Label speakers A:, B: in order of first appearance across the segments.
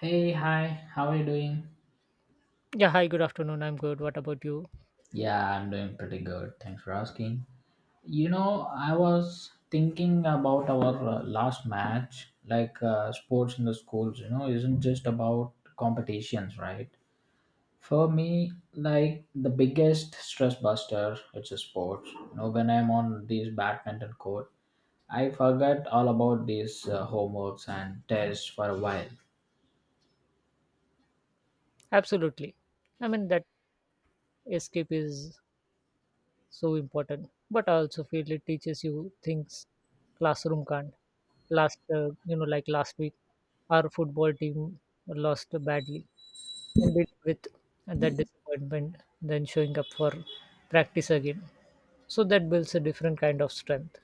A: Hey, hi, how are you doing?
B: Yeah, hi, good afternoon. I'm good. What about you?
A: Yeah, I'm doing pretty good. Thanks for asking. You know, I was thinking about our last match, like sports in the schools, you know, isn't just about competitions, right? For me, like the biggest stress buster, it's a sports. You know, when I'm on this badminton court, I forget all about these homeworks and tests for a while.
B: Absolutely. I mean, that escape is so important, but I also feel it teaches you things classroom can't. Last, like last week, our football team lost badly and did with that disappointment, then showing up for practice again. So that builds a different kind of strength.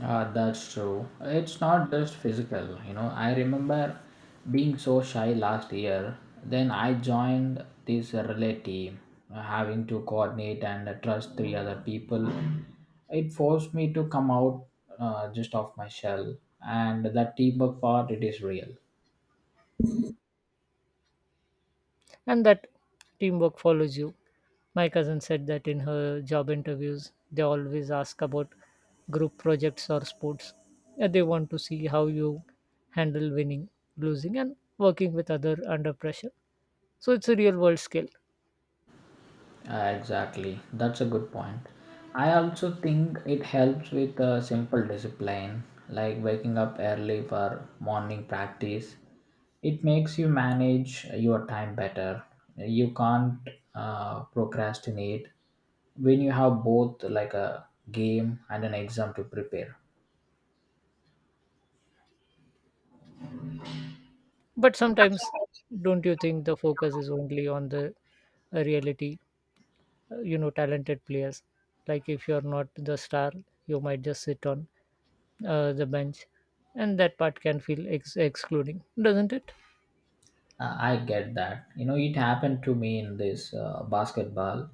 A: That's true. It's not just physical, you know. I remember being so shy last year. Then I joined this relay team, having to coordinate and trust three other people. It forced me to come out just off my shell, and that teamwork part it is real.
B: And that teamwork follows you. My cousin said that in her job interviews, they always ask about group projects or sports. Yeah, they want to see how you handle winning, losing, and working with other under pressure. So it's a real world skill.
A: Exactly. That's a good point. I also think it helps with a simple discipline, like waking up early for morning practice. It makes you manage your time better. You can't procrastinate when you have both like a game and an exam to prepare.
B: But sometimes, don't you think the focus is only on the reality? Talented players. Like if you're not the star, you might just sit on the bench, and that part can feel excluding, doesn't it?
A: I get that. You know, it happened to me in this basketball.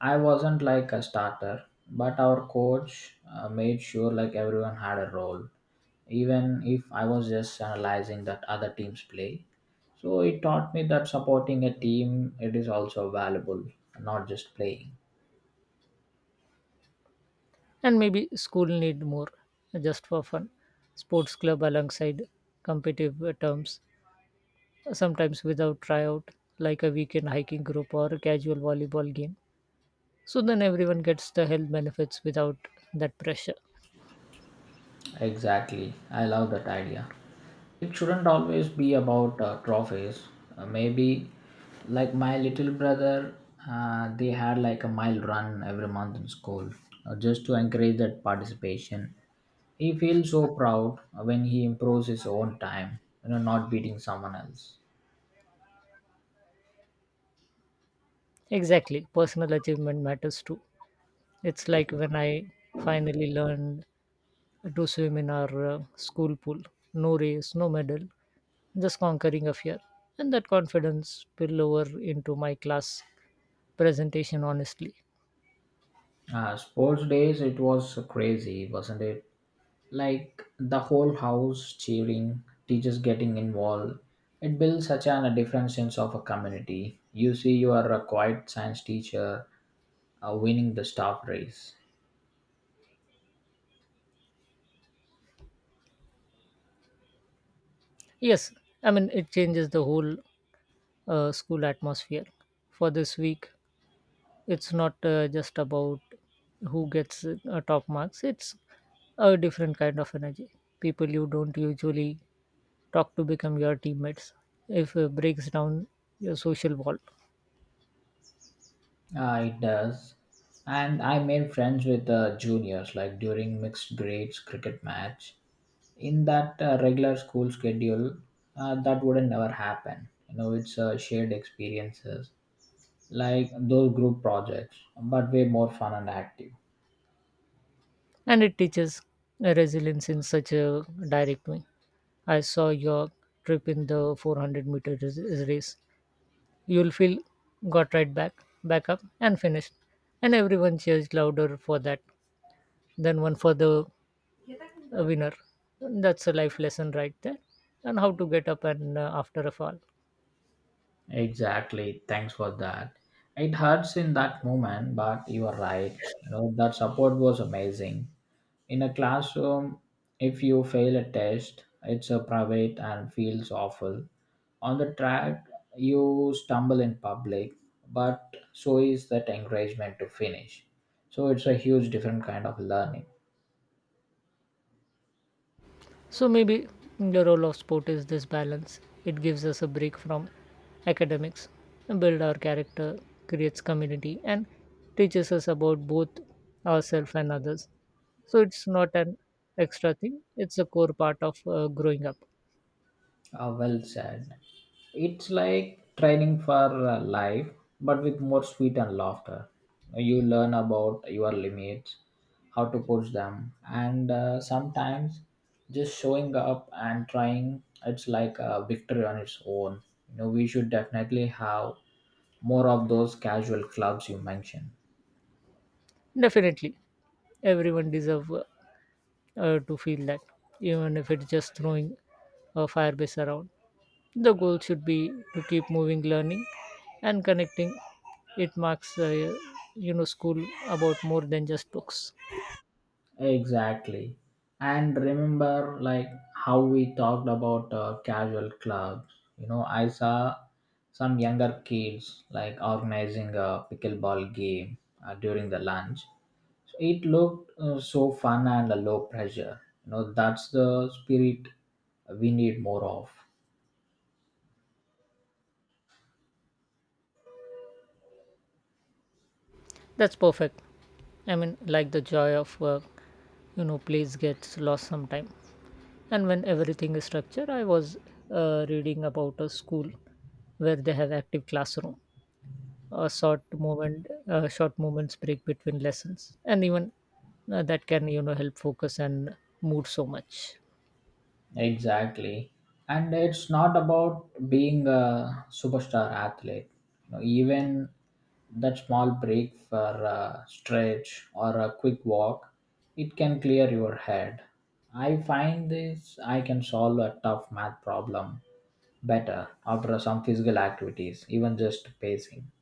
A: I wasn't like a starter, but our coach made sure like everyone had a role, even if I was just analyzing that other team's play. So it taught me that supporting a team it is also valuable, not just playing.
B: And maybe school need more just for fun sports club alongside competitive terms, sometimes without tryout, like a weekend hiking group or a casual volleyball game, so then everyone gets the health benefits without that pressure.
A: Exactly. I love that idea. It shouldn't always be about trophies. Maybe like my little brother, they had like a mile run every month in school just to encourage that participation. He feels so proud when he improves his own time, you know, not beating someone else.
B: Exactly, personal achievement matters too. It's like when I finally learned to swim in our school pool. No race, no medal, just conquering a fear. And that confidence spill over into my class presentation, honestly.
A: Sports days, it was crazy, wasn't it? Like the whole house cheering, teachers getting involved. It builds such a different sense of a community. You see, you are a quiet science teacher winning the staff race.
B: Yes, I mean, it changes the whole school atmosphere. For this week, it's not just about who gets top marks, it's a different kind of energy. People you don't usually talk to become your teammates if it breaks down your social wall.
A: It does. And I made friends with juniors, like during mixed grades cricket match. In that regular school schedule, that wouldn't never happen. You know, it's shared experiences, like those group projects, but way more fun and active.
B: And it teaches resilience in such a direct way. I saw your trip in the 400 meter race. You'll feel got right back, back up, and finished. And everyone cheers louder for that than one for the winner. That's a life lesson right there, and how to get up and after a fall.
A: Exactly. Thanks for that. It hurts in that moment, but you are right. You know, that support was amazing. In a classroom, if you fail a test, it's a private and feels awful. On the track, you stumble in public, but so is that encouragement to finish. So it's a huge different kind of learning.
B: So maybe the role of sport is this balance. It gives us a break from academics, build our character, creates community, and teaches us about both ourselves and others. So it's not an extra thing. It's a core part of growing up.
A: Ah, well said. It's like training for life, but with more sweet and laughter. You learn about your limits, how to push them, and sometimes just showing up and trying. It's like a victory on its own. You know, we should definitely have more of those casual clubs you mentioned.
B: Definitely, everyone deserves to feel that, even if it's just throwing a firebase around. The goal should be to keep moving learning and connecting. It marks school about more than just books.
A: Exactly. And remember, like how we talked about casual clubs. You know, I saw some younger kids like organizing a pickleball game during the lunch. So it looked so fun and low pressure. You know, that's the spirit we need more of.
B: That's perfect. I mean, like the joy of work, you know, place gets lost sometime. And when everything is structured, I was reading about a school where they have active classroom, short moments break between lessons, and even that can, you know, help focus and mood so much.
A: Exactly. And it's not about being a superstar athlete. You know, even that small break for a stretch or a quick walk, it can clear your head. I find this I can solve a tough math problem better after some physical activities, even just pacing.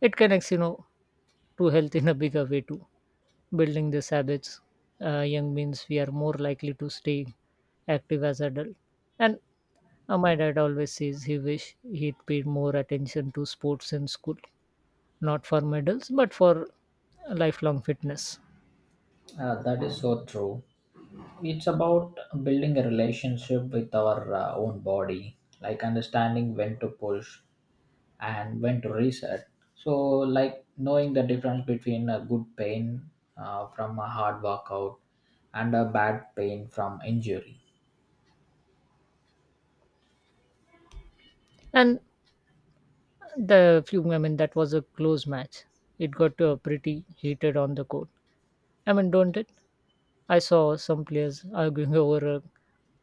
B: It connects, you know, to health in a bigger way too. Building these habits, young means we are more likely to stay active as adult. And my dad always says he wish he'd paid more attention to sports in school, not for medals but for lifelong fitness.
A: That is so true. It's about building a relationship with our own body, like understanding when to push and when to reset. So, like knowing the difference between a good pain from a hard workout and a bad pain from injury,
B: And the few, I mean, that was a close match. It got pretty heated on the court. I mean, don't it? I saw some players arguing over a,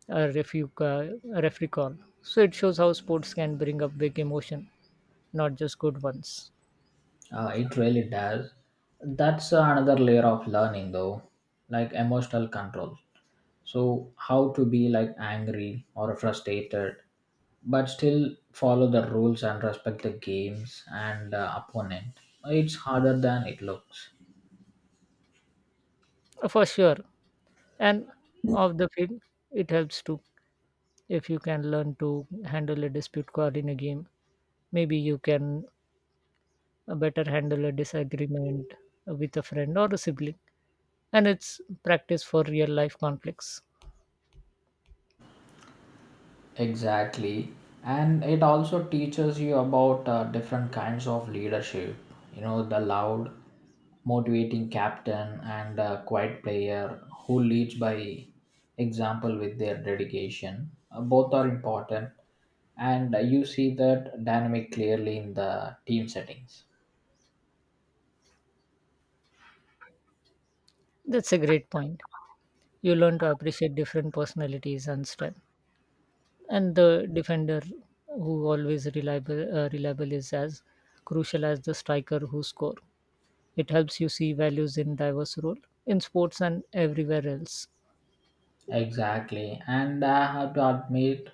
B: a, refu- uh, a referee call. So it shows how sports can bring up big emotion, not just good ones.
A: it really does. That's another layer of learning, though, like emotional control. So, how to be like angry or frustrated, but still follow the rules and respect the games and opponent. It's harder than it looks.
B: For sure, and off the field it helps too. If you can learn to handle a dispute call in a game, maybe you can better handle a disagreement with a friend or a sibling, and it's practice for real life conflicts.
A: Exactly. And it also teaches you about different kinds of leadership. You know, the loud, motivating captain and a quiet player who leads by example with their dedication. Both are important. And you see that dynamic clearly in the team settings.
B: That's a great point. You learn to appreciate different personalities and strength, and the defender who always reliable is as crucial as the striker who score. It helps you see values in diverse role, in sports and everywhere else.
A: Exactly. And I have to admit,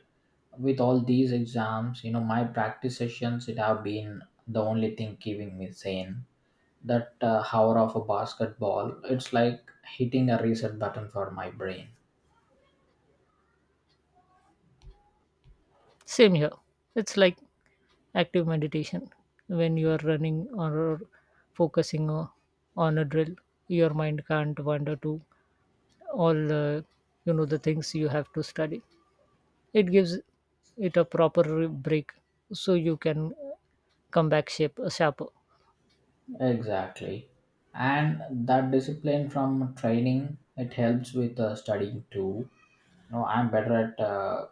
A: with all these exams, you know, my practice sessions, it have been the only thing keeping me sane. That hour of a basketball, it's like hitting a reset button for my brain.
B: Same here. It's like active meditation. When you are running or focusing on a drill, your mind can't wander to all you know the things you have to study. It gives it a proper break so you can come back shape sharper.
A: Exactly. And that discipline from training, it helps with studying too. You know, I'm better at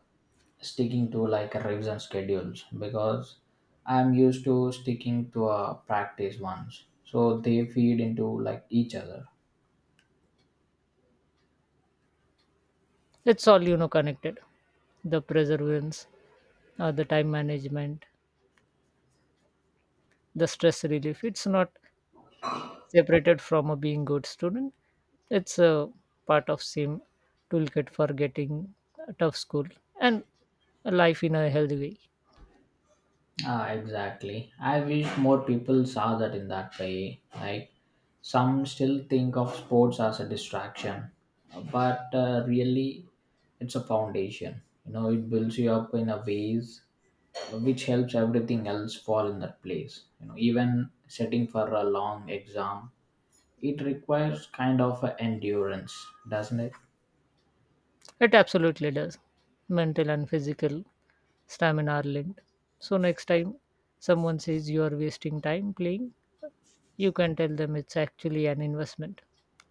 A: sticking to like revision schedules because I'm used to sticking to a practice once. So they feed into like each other.
B: It's all, you know, connected. The perseverance, the time management, the stress relief. It's not separated from a being good student, it's a part of same toolkit for getting a tough school and a life in a healthy way.
A: Ah, exactly. I wish more people saw that in that way. Like, some still think of sports as a distraction, but really, it's a foundation. You know, it builds you up in a ways which helps everything else fall in that place. You know, even setting for a long exam, it requires kind of a endurance, doesn't it?
B: It absolutely does. Mental and physical stamina are linked. So next time someone says you are wasting time playing, you can tell them it's actually an investment.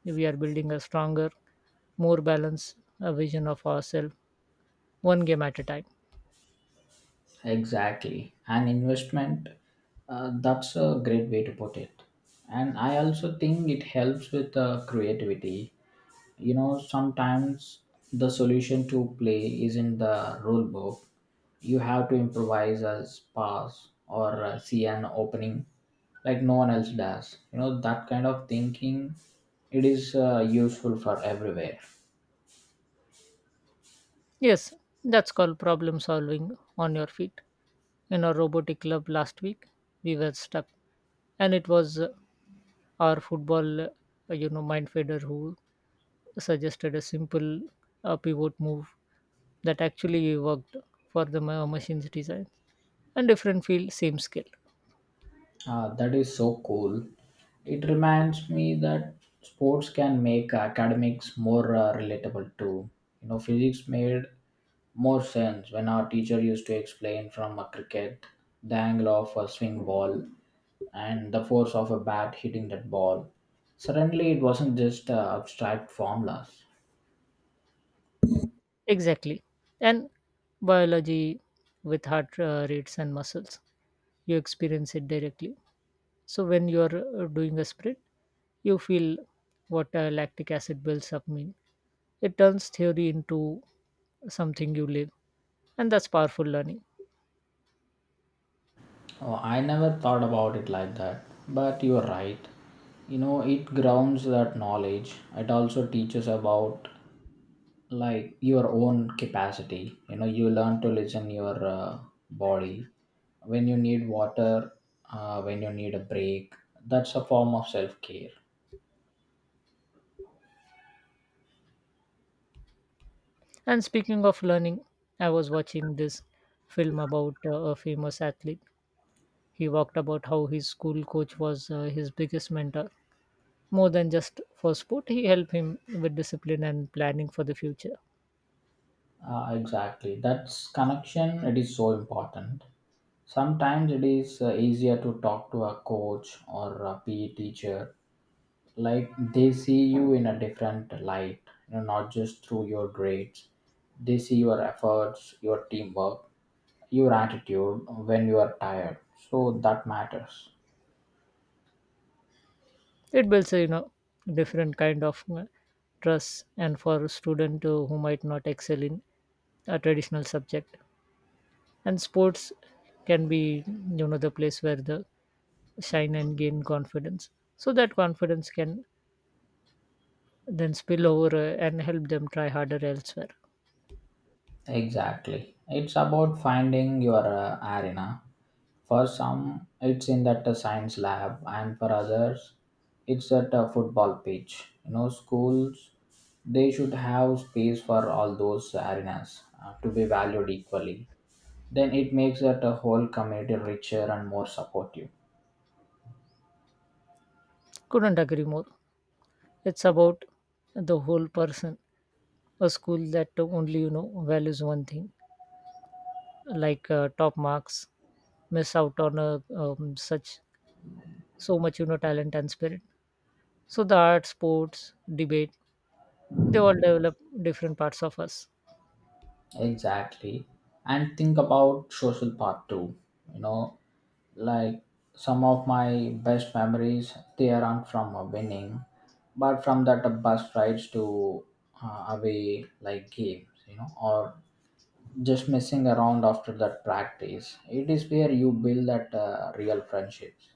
B: We are building a stronger, more balanced vision of ourselves, one game at a time.
A: Exactly. An investment, that's a great way to put it. And I also think it helps with creativity. You know, sometimes the solution to play is in the rule book. You have to improvise as pass or see an opening like no one else does. You know, that kind of thinking, it is useful for everywhere.
B: Yes, that's called problem solving on your feet. In our robotic club last week, we were stuck, and it was our mind feeder who suggested a simple pivot move that actually worked for the machine's design. And different field, same skill.
A: Ah, that is so cool. It reminds me that sports can make academics more relatable too. You know, physics made more sense when our teacher used to explain from a cricket, the angle of a swing ball, and the force of a bat hitting that ball. Suddenly, it wasn't just abstract formulas.
B: Exactly. And biology with heart rates and muscles, you experience it directly. So when you are doing a sprint, you feel what lactic acid builds up mean. It turns theory into something you live, and that's powerful learning.
A: Oh, I never thought about it like that, but you're right. You know, it grounds that knowledge. It also teaches about like your own capacity. You know, you learn to listen your body when you need water, when you need a break. That's a form of self-care.
B: And speaking of learning, I was watching this film about a famous athlete. He talked about how his school coach was his biggest mentor. More than just for sport, he helped him with discipline and planning for the future.
A: Exactly, that's connection, it is so important. Sometimes it is easier to talk to a coach or a PE teacher, like they see you in a different light, you know, not just through your grades. They see your efforts, your teamwork, your attitude when you are tired, so that matters.
B: It builds a, you know, different kind of trust, and for a student who might not excel in a traditional subject and sports can be, you know, the place where the shine and gain confidence, so that confidence can then spill over and help them try harder elsewhere.
A: Exactly. It's about finding your arena. For some it's in that science lab, and for others it's at a football pitch. You know, schools, they should have space for all those arenas to be valued equally. Then it makes that a whole community richer and more supportive.
B: Couldn't agree more. It's about the whole person. A school that only, you know, values one thing, like top marks, miss out on a, um, such so much, you know, talent and spirit. So the art sports debate, they all develop different parts of us.
A: Exactly. And think about social part too. You know, like some of my best memories, they aren't from winning, but from that bus rides to away like games, you know, or just messing around after that practice. It is where you build that real friendships.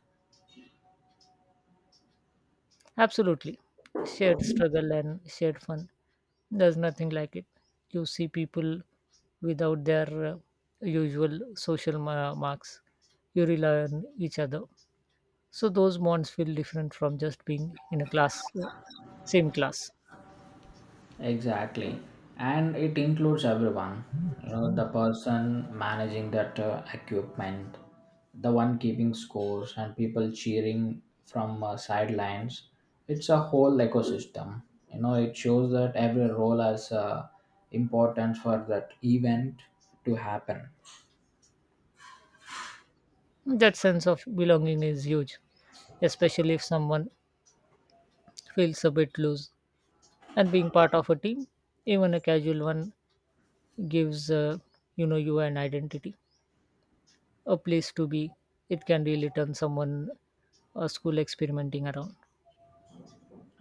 B: Absolutely. Shared struggle and shared fun. There's nothing like it. You see people without their usual social marks. You rely on each other. So those bonds feel different from just being in same class.
A: Exactly. And it includes everyone. You know, the person managing that equipment, the one keeping scores, and people cheering from sidelines. It's a whole ecosystem. You know, it shows that every role has importance for that event to happen.
B: That sense of belonging is huge, especially if someone feels a bit loose. And being part of a team, even a casual one, gives you an identity, a place to be. It can really turn someone a school experimenting around.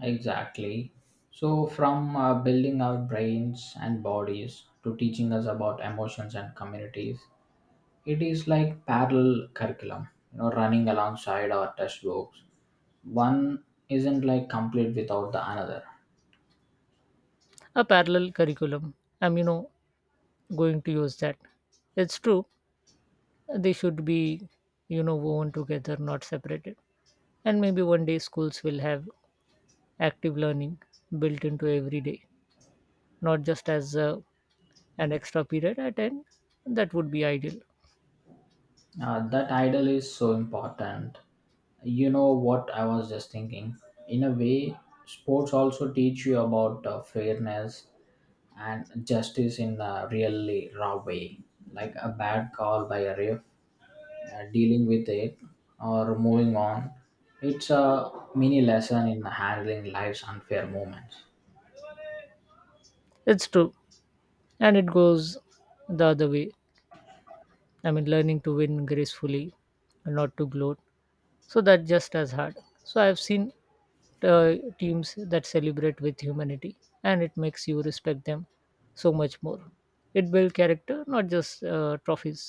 A: Exactly. So, from building our brains and bodies to teaching us about emotions and communities, it is like parallel curriculum, you know, running alongside our textbooks. One isn't like complete without the another.
B: A parallel curriculum. I'm, you know, going to use that. It's true. They should be, you know, woven together, not separated. And maybe one day schools will have active learning built into every day, not just as an extra period at end. That would be ideal.
A: That idol is so important. You know what I was just thinking, in a way sports also teach you about fairness and justice in a really raw way. Like a bad call by a ref, dealing with it or moving on, it's a mini lesson in handling life's unfair moments.
B: It's true. And it goes the other way. I mean, learning to win gracefully, not to gloat. So that just as hard. So I've seen uh, teams that celebrate with humanity, and it makes you respect them so much more. It builds character, not just trophies.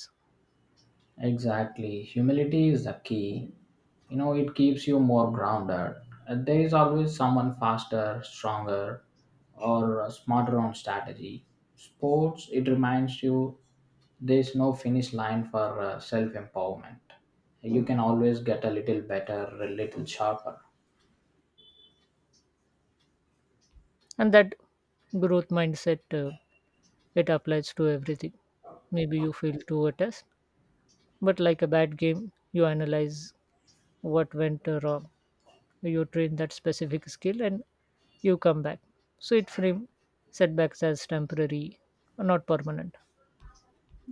A: Exactly. Humility is the key. You know, it keeps you more grounded. There is always someone faster, stronger, or smarter on strategy. Sports, it reminds you there's no finish line for self empowerment. You can always get a little better, a little sharper.
B: And that growth mindset it applies to everything. Maybe you fail to a test, but like a bad game you analyze what went wrong, you train that specific skill and you come back. So it frame setbacks as temporary, not permanent.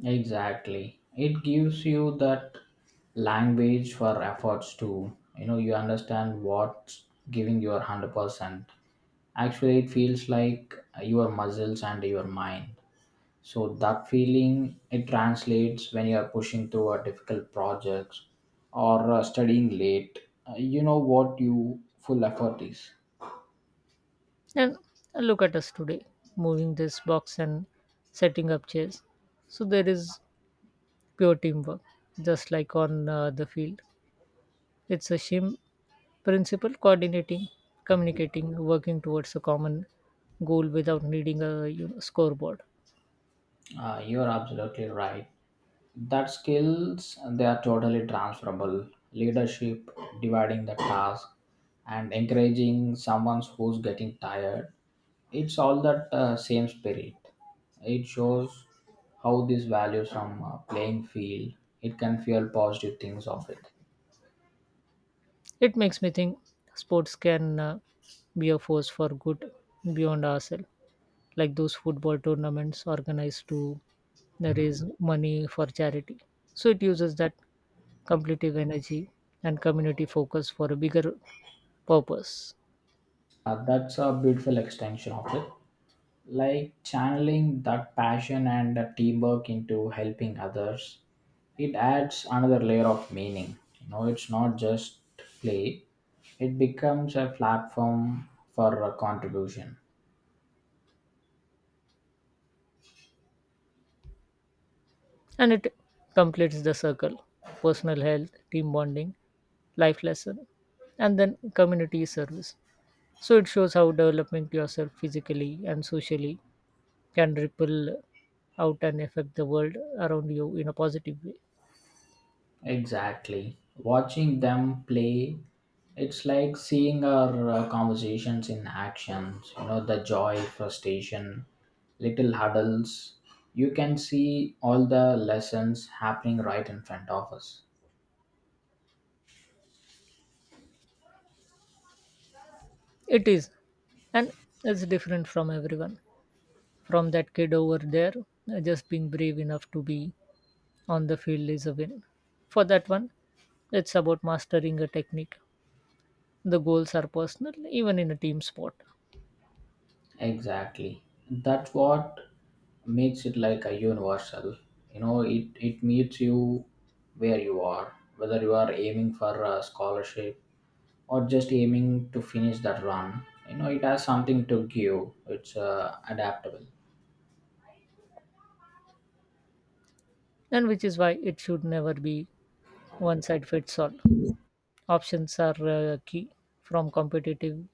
A: Exactly. It gives you that language for efforts too. You know, you understand what's giving your 100%. Actually it feels like your muscles and your mind, so that feeling it translates when you are pushing through a difficult projects or studying late. You know what you full effort is.
B: And look at us today, moving this box and setting up chairs. So there is pure teamwork, just like on the field. It's a shame principle coordinating, communicating, working towards a common goal without needing a, you know, scoreboard.
A: You're absolutely right. That skills, they are totally transferable. Leadership, dividing the task, and encouraging someone who's getting tired, it's all that same spirit. It shows how these values from playing field, it can fuel positive things of it.
B: It makes me think sports can be a force for good beyond ourselves, like those football tournaments organized to raise money for charity. So it uses that competitive energy and community focus for a bigger purpose.
A: That's a beautiful extension of it, like channeling that passion and the teamwork into helping others. It adds another layer of meaning. You know, it's not just play. It becomes a platform for contribution.
B: And it completes the circle: personal health, team bonding, life lesson, and then community service. So it shows how developing yourself physically and socially can ripple out and affect the world around you in a positive way.
A: Exactly. Watching them play, it's like seeing our conversations in actions, you know, the joy, frustration, little huddles. You can see all the lessons happening right in front of us.
B: It is, and it's different from everyone. From that kid over there, just being brave enough to be on the field is a win. For that one, it's about mastering a technique. The goals are personal, even in a team sport.
A: Exactly. That's what makes it like a universal. You know, it meets you where you are, whether you are aiming for a scholarship or just aiming to finish that run. You know, it has something to give. It's adaptable.
B: And which is why it should never be one size fits all. Options are key, from competitive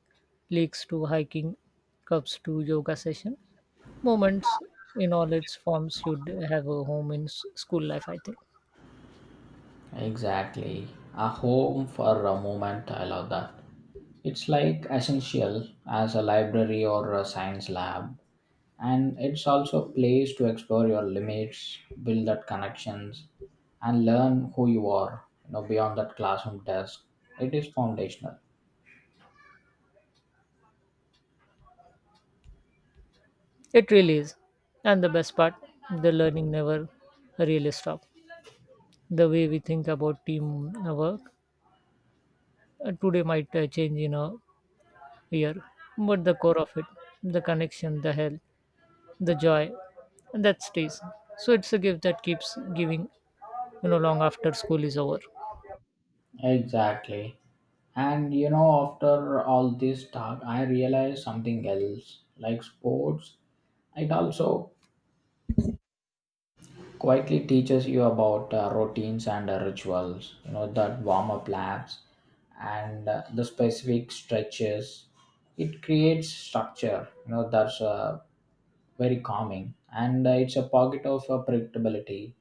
B: leagues to hiking cups to yoga session. Moments in all its forms should have a home in school life, I think.
A: Exactly. A home for a moment. I love that. It's like essential as a library or a science lab. And it's also a place to explore your limits, build that connections, and learn who you are, you know, beyond that classroom desk. It is foundational.
B: It really is. And the best part, the learning never really stops. The way we think about teamwork today might change in a here, but the core of it, the connection, the health, the joy, and that stays. So it's a gift that keeps giving, you know, long after school is over.
A: Exactly. And you know, after all this talk, I realized something else. Like sports, it also quietly teaches you about routines and rituals, you know, that warm up laps and the specific stretches. It creates structure, you know, that's very calming. And it's a pocket of predictability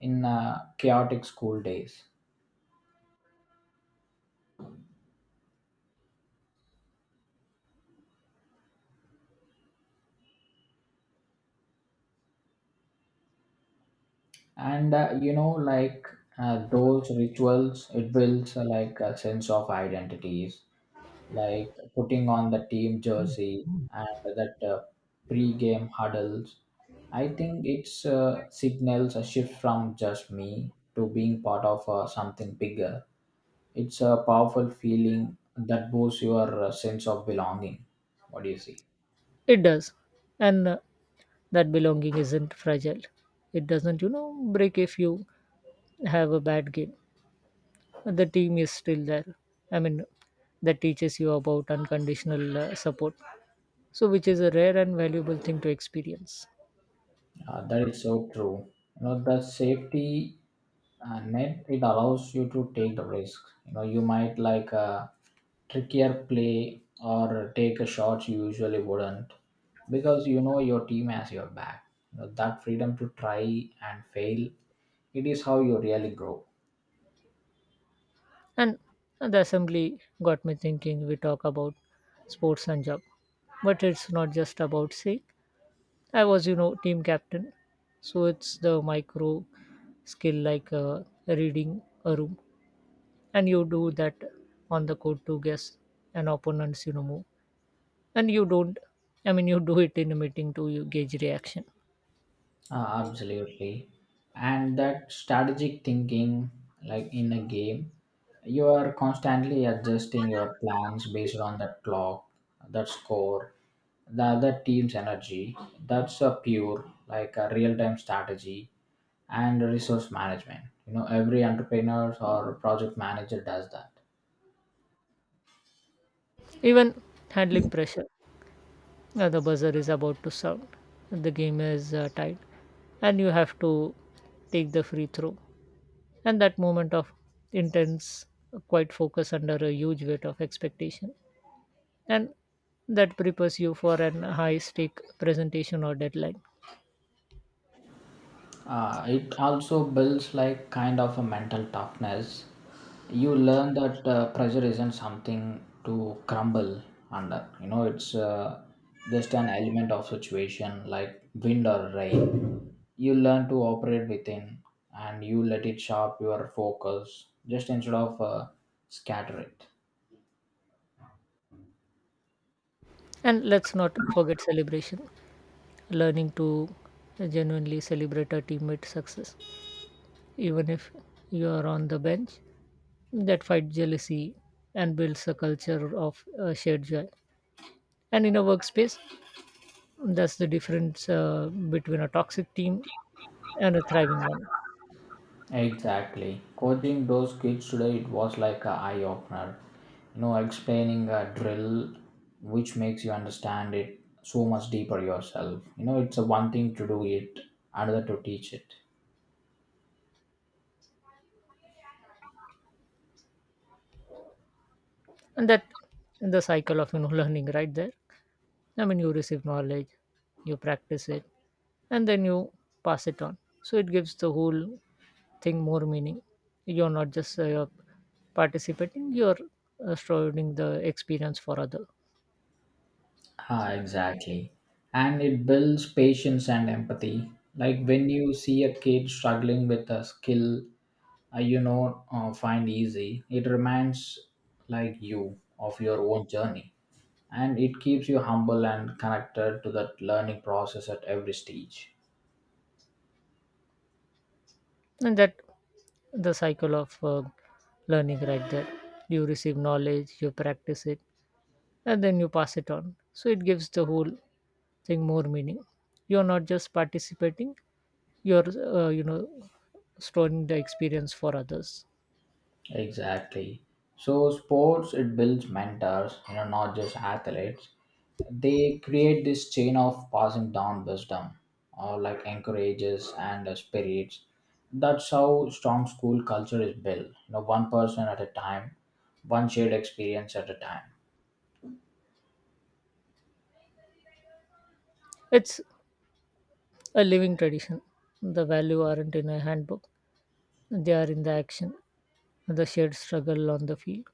A: in chaotic school days. And those rituals, it builds like a sense of identities, like putting on the team jersey and that pre-game huddles. I think it's signals a shift from just me to being part of something bigger. It's a powerful feeling that boosts your sense of belonging. What do you see?
B: It does, and that belonging isn't fragile. It doesn't, you know, break if you have a bad game. The team is still there. I mean, that teaches you about unconditional support, so which is a rare and valuable thing to experience.
A: That is so true. You know, the safety and net, it allows you to take the risk. You know, you might like a trickier play or take a shot you usually wouldn't, because you know your team has your back. You know, that freedom to try and fail, it is how you really grow.
B: And the assembly got me thinking, we talk about sports and job, but it's not just about say I was, you know, team captain. So it's the micro skill, like reading a room, and you do that on the court to guess an opponent's, you know, move. And you don't, I mean, you do it in a meeting to you gauge reaction.
A: Absolutely. And that strategic thinking, like in a game, you are constantly adjusting your plans based on that clock, that score, the other team's energy. That's a pure, like a real time strategy and resource management. You know, every entrepreneur or project manager does that.
B: Even handling pressure, the buzzer is about to sound, the game is tied, and you have to take the free throw, and that moment of intense quiet focus under a huge weight of expectation, and that prepares you for an high stake presentation or deadline.
A: It also builds like kind of a mental toughness. You learn that pressure isn't something to crumble under. You know, it's just an element of situation like wind or rain. You learn to operate within, and you let it sharp your focus just instead of scatter it.
B: And let's not forget celebration. Learning to genuinely celebrate a teammate success, even if you are on the bench, that fight jealousy and builds a culture of shared joy. And in a workspace, that's the difference between a toxic team and a thriving one.
A: Exactly. Coaching those kids today, it was like a eye opener. You know, explaining a drill which makes you understand it so much deeper yourself. You know, it's a one thing to do it, another to teach it.
B: And that the cycle of, you know, learning right there. I mean, you receive knowledge, you practice it, and then you pass it on. So it gives the whole thing more meaning. You're not just you're participating, you're providing the experience for other.
A: Ah, exactly. And it builds patience and empathy. Like when you see a kid struggling with a skill you know find easy, it reminds like you of your own journey. And it keeps you humble and connected to that learning process at every stage.
B: And that the cycle of learning right there, you receive knowledge, you practice it, and then you pass it on. So it gives the whole thing more meaning. You're not just participating, you're uh, you know storing the experience for others.
A: Exactly. So sports, it builds mentors, you know, not just athletes. They create this chain of passing down wisdom or like encourages and spirits. That's how strong school culture is built, you know, one person at a time, one shared experience at a time.
B: It's a living tradition. The value aren't in a handbook, they are in the action, the shared struggle on the field.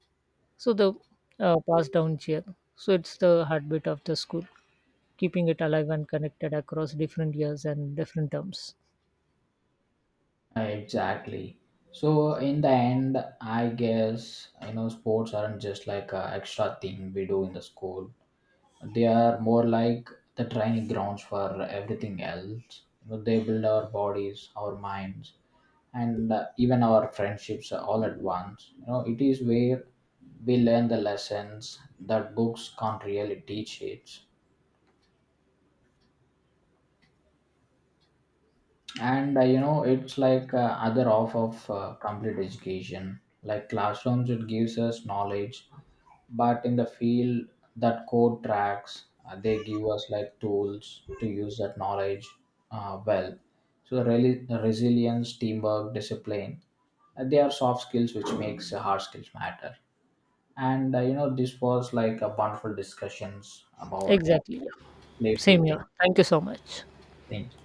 B: So the passed down cheer, so it's the heartbeat of the school, keeping it alive and connected across different years and different terms.
A: Exactly. So in the end, I guess, you know, sports aren't just like a extra thing we do in the school. They are more like the training grounds for everything else. You know, they build our bodies, our minds, and even our friendships all at once. You know, it is where we learn the lessons that books can't really teach it. And you know, it's like other off of complete education, like classrooms, it gives us knowledge, but in the field, that code tracks, they give us like tools to use that knowledge well. So really resilience, teamwork, discipline, they are soft skills which makes hard skills matter. And you know, this was like a wonderful discussions about
B: Exactly, yeah.
A: playful
B: Same
A: thing,
B: here, thank you so much.
A: things.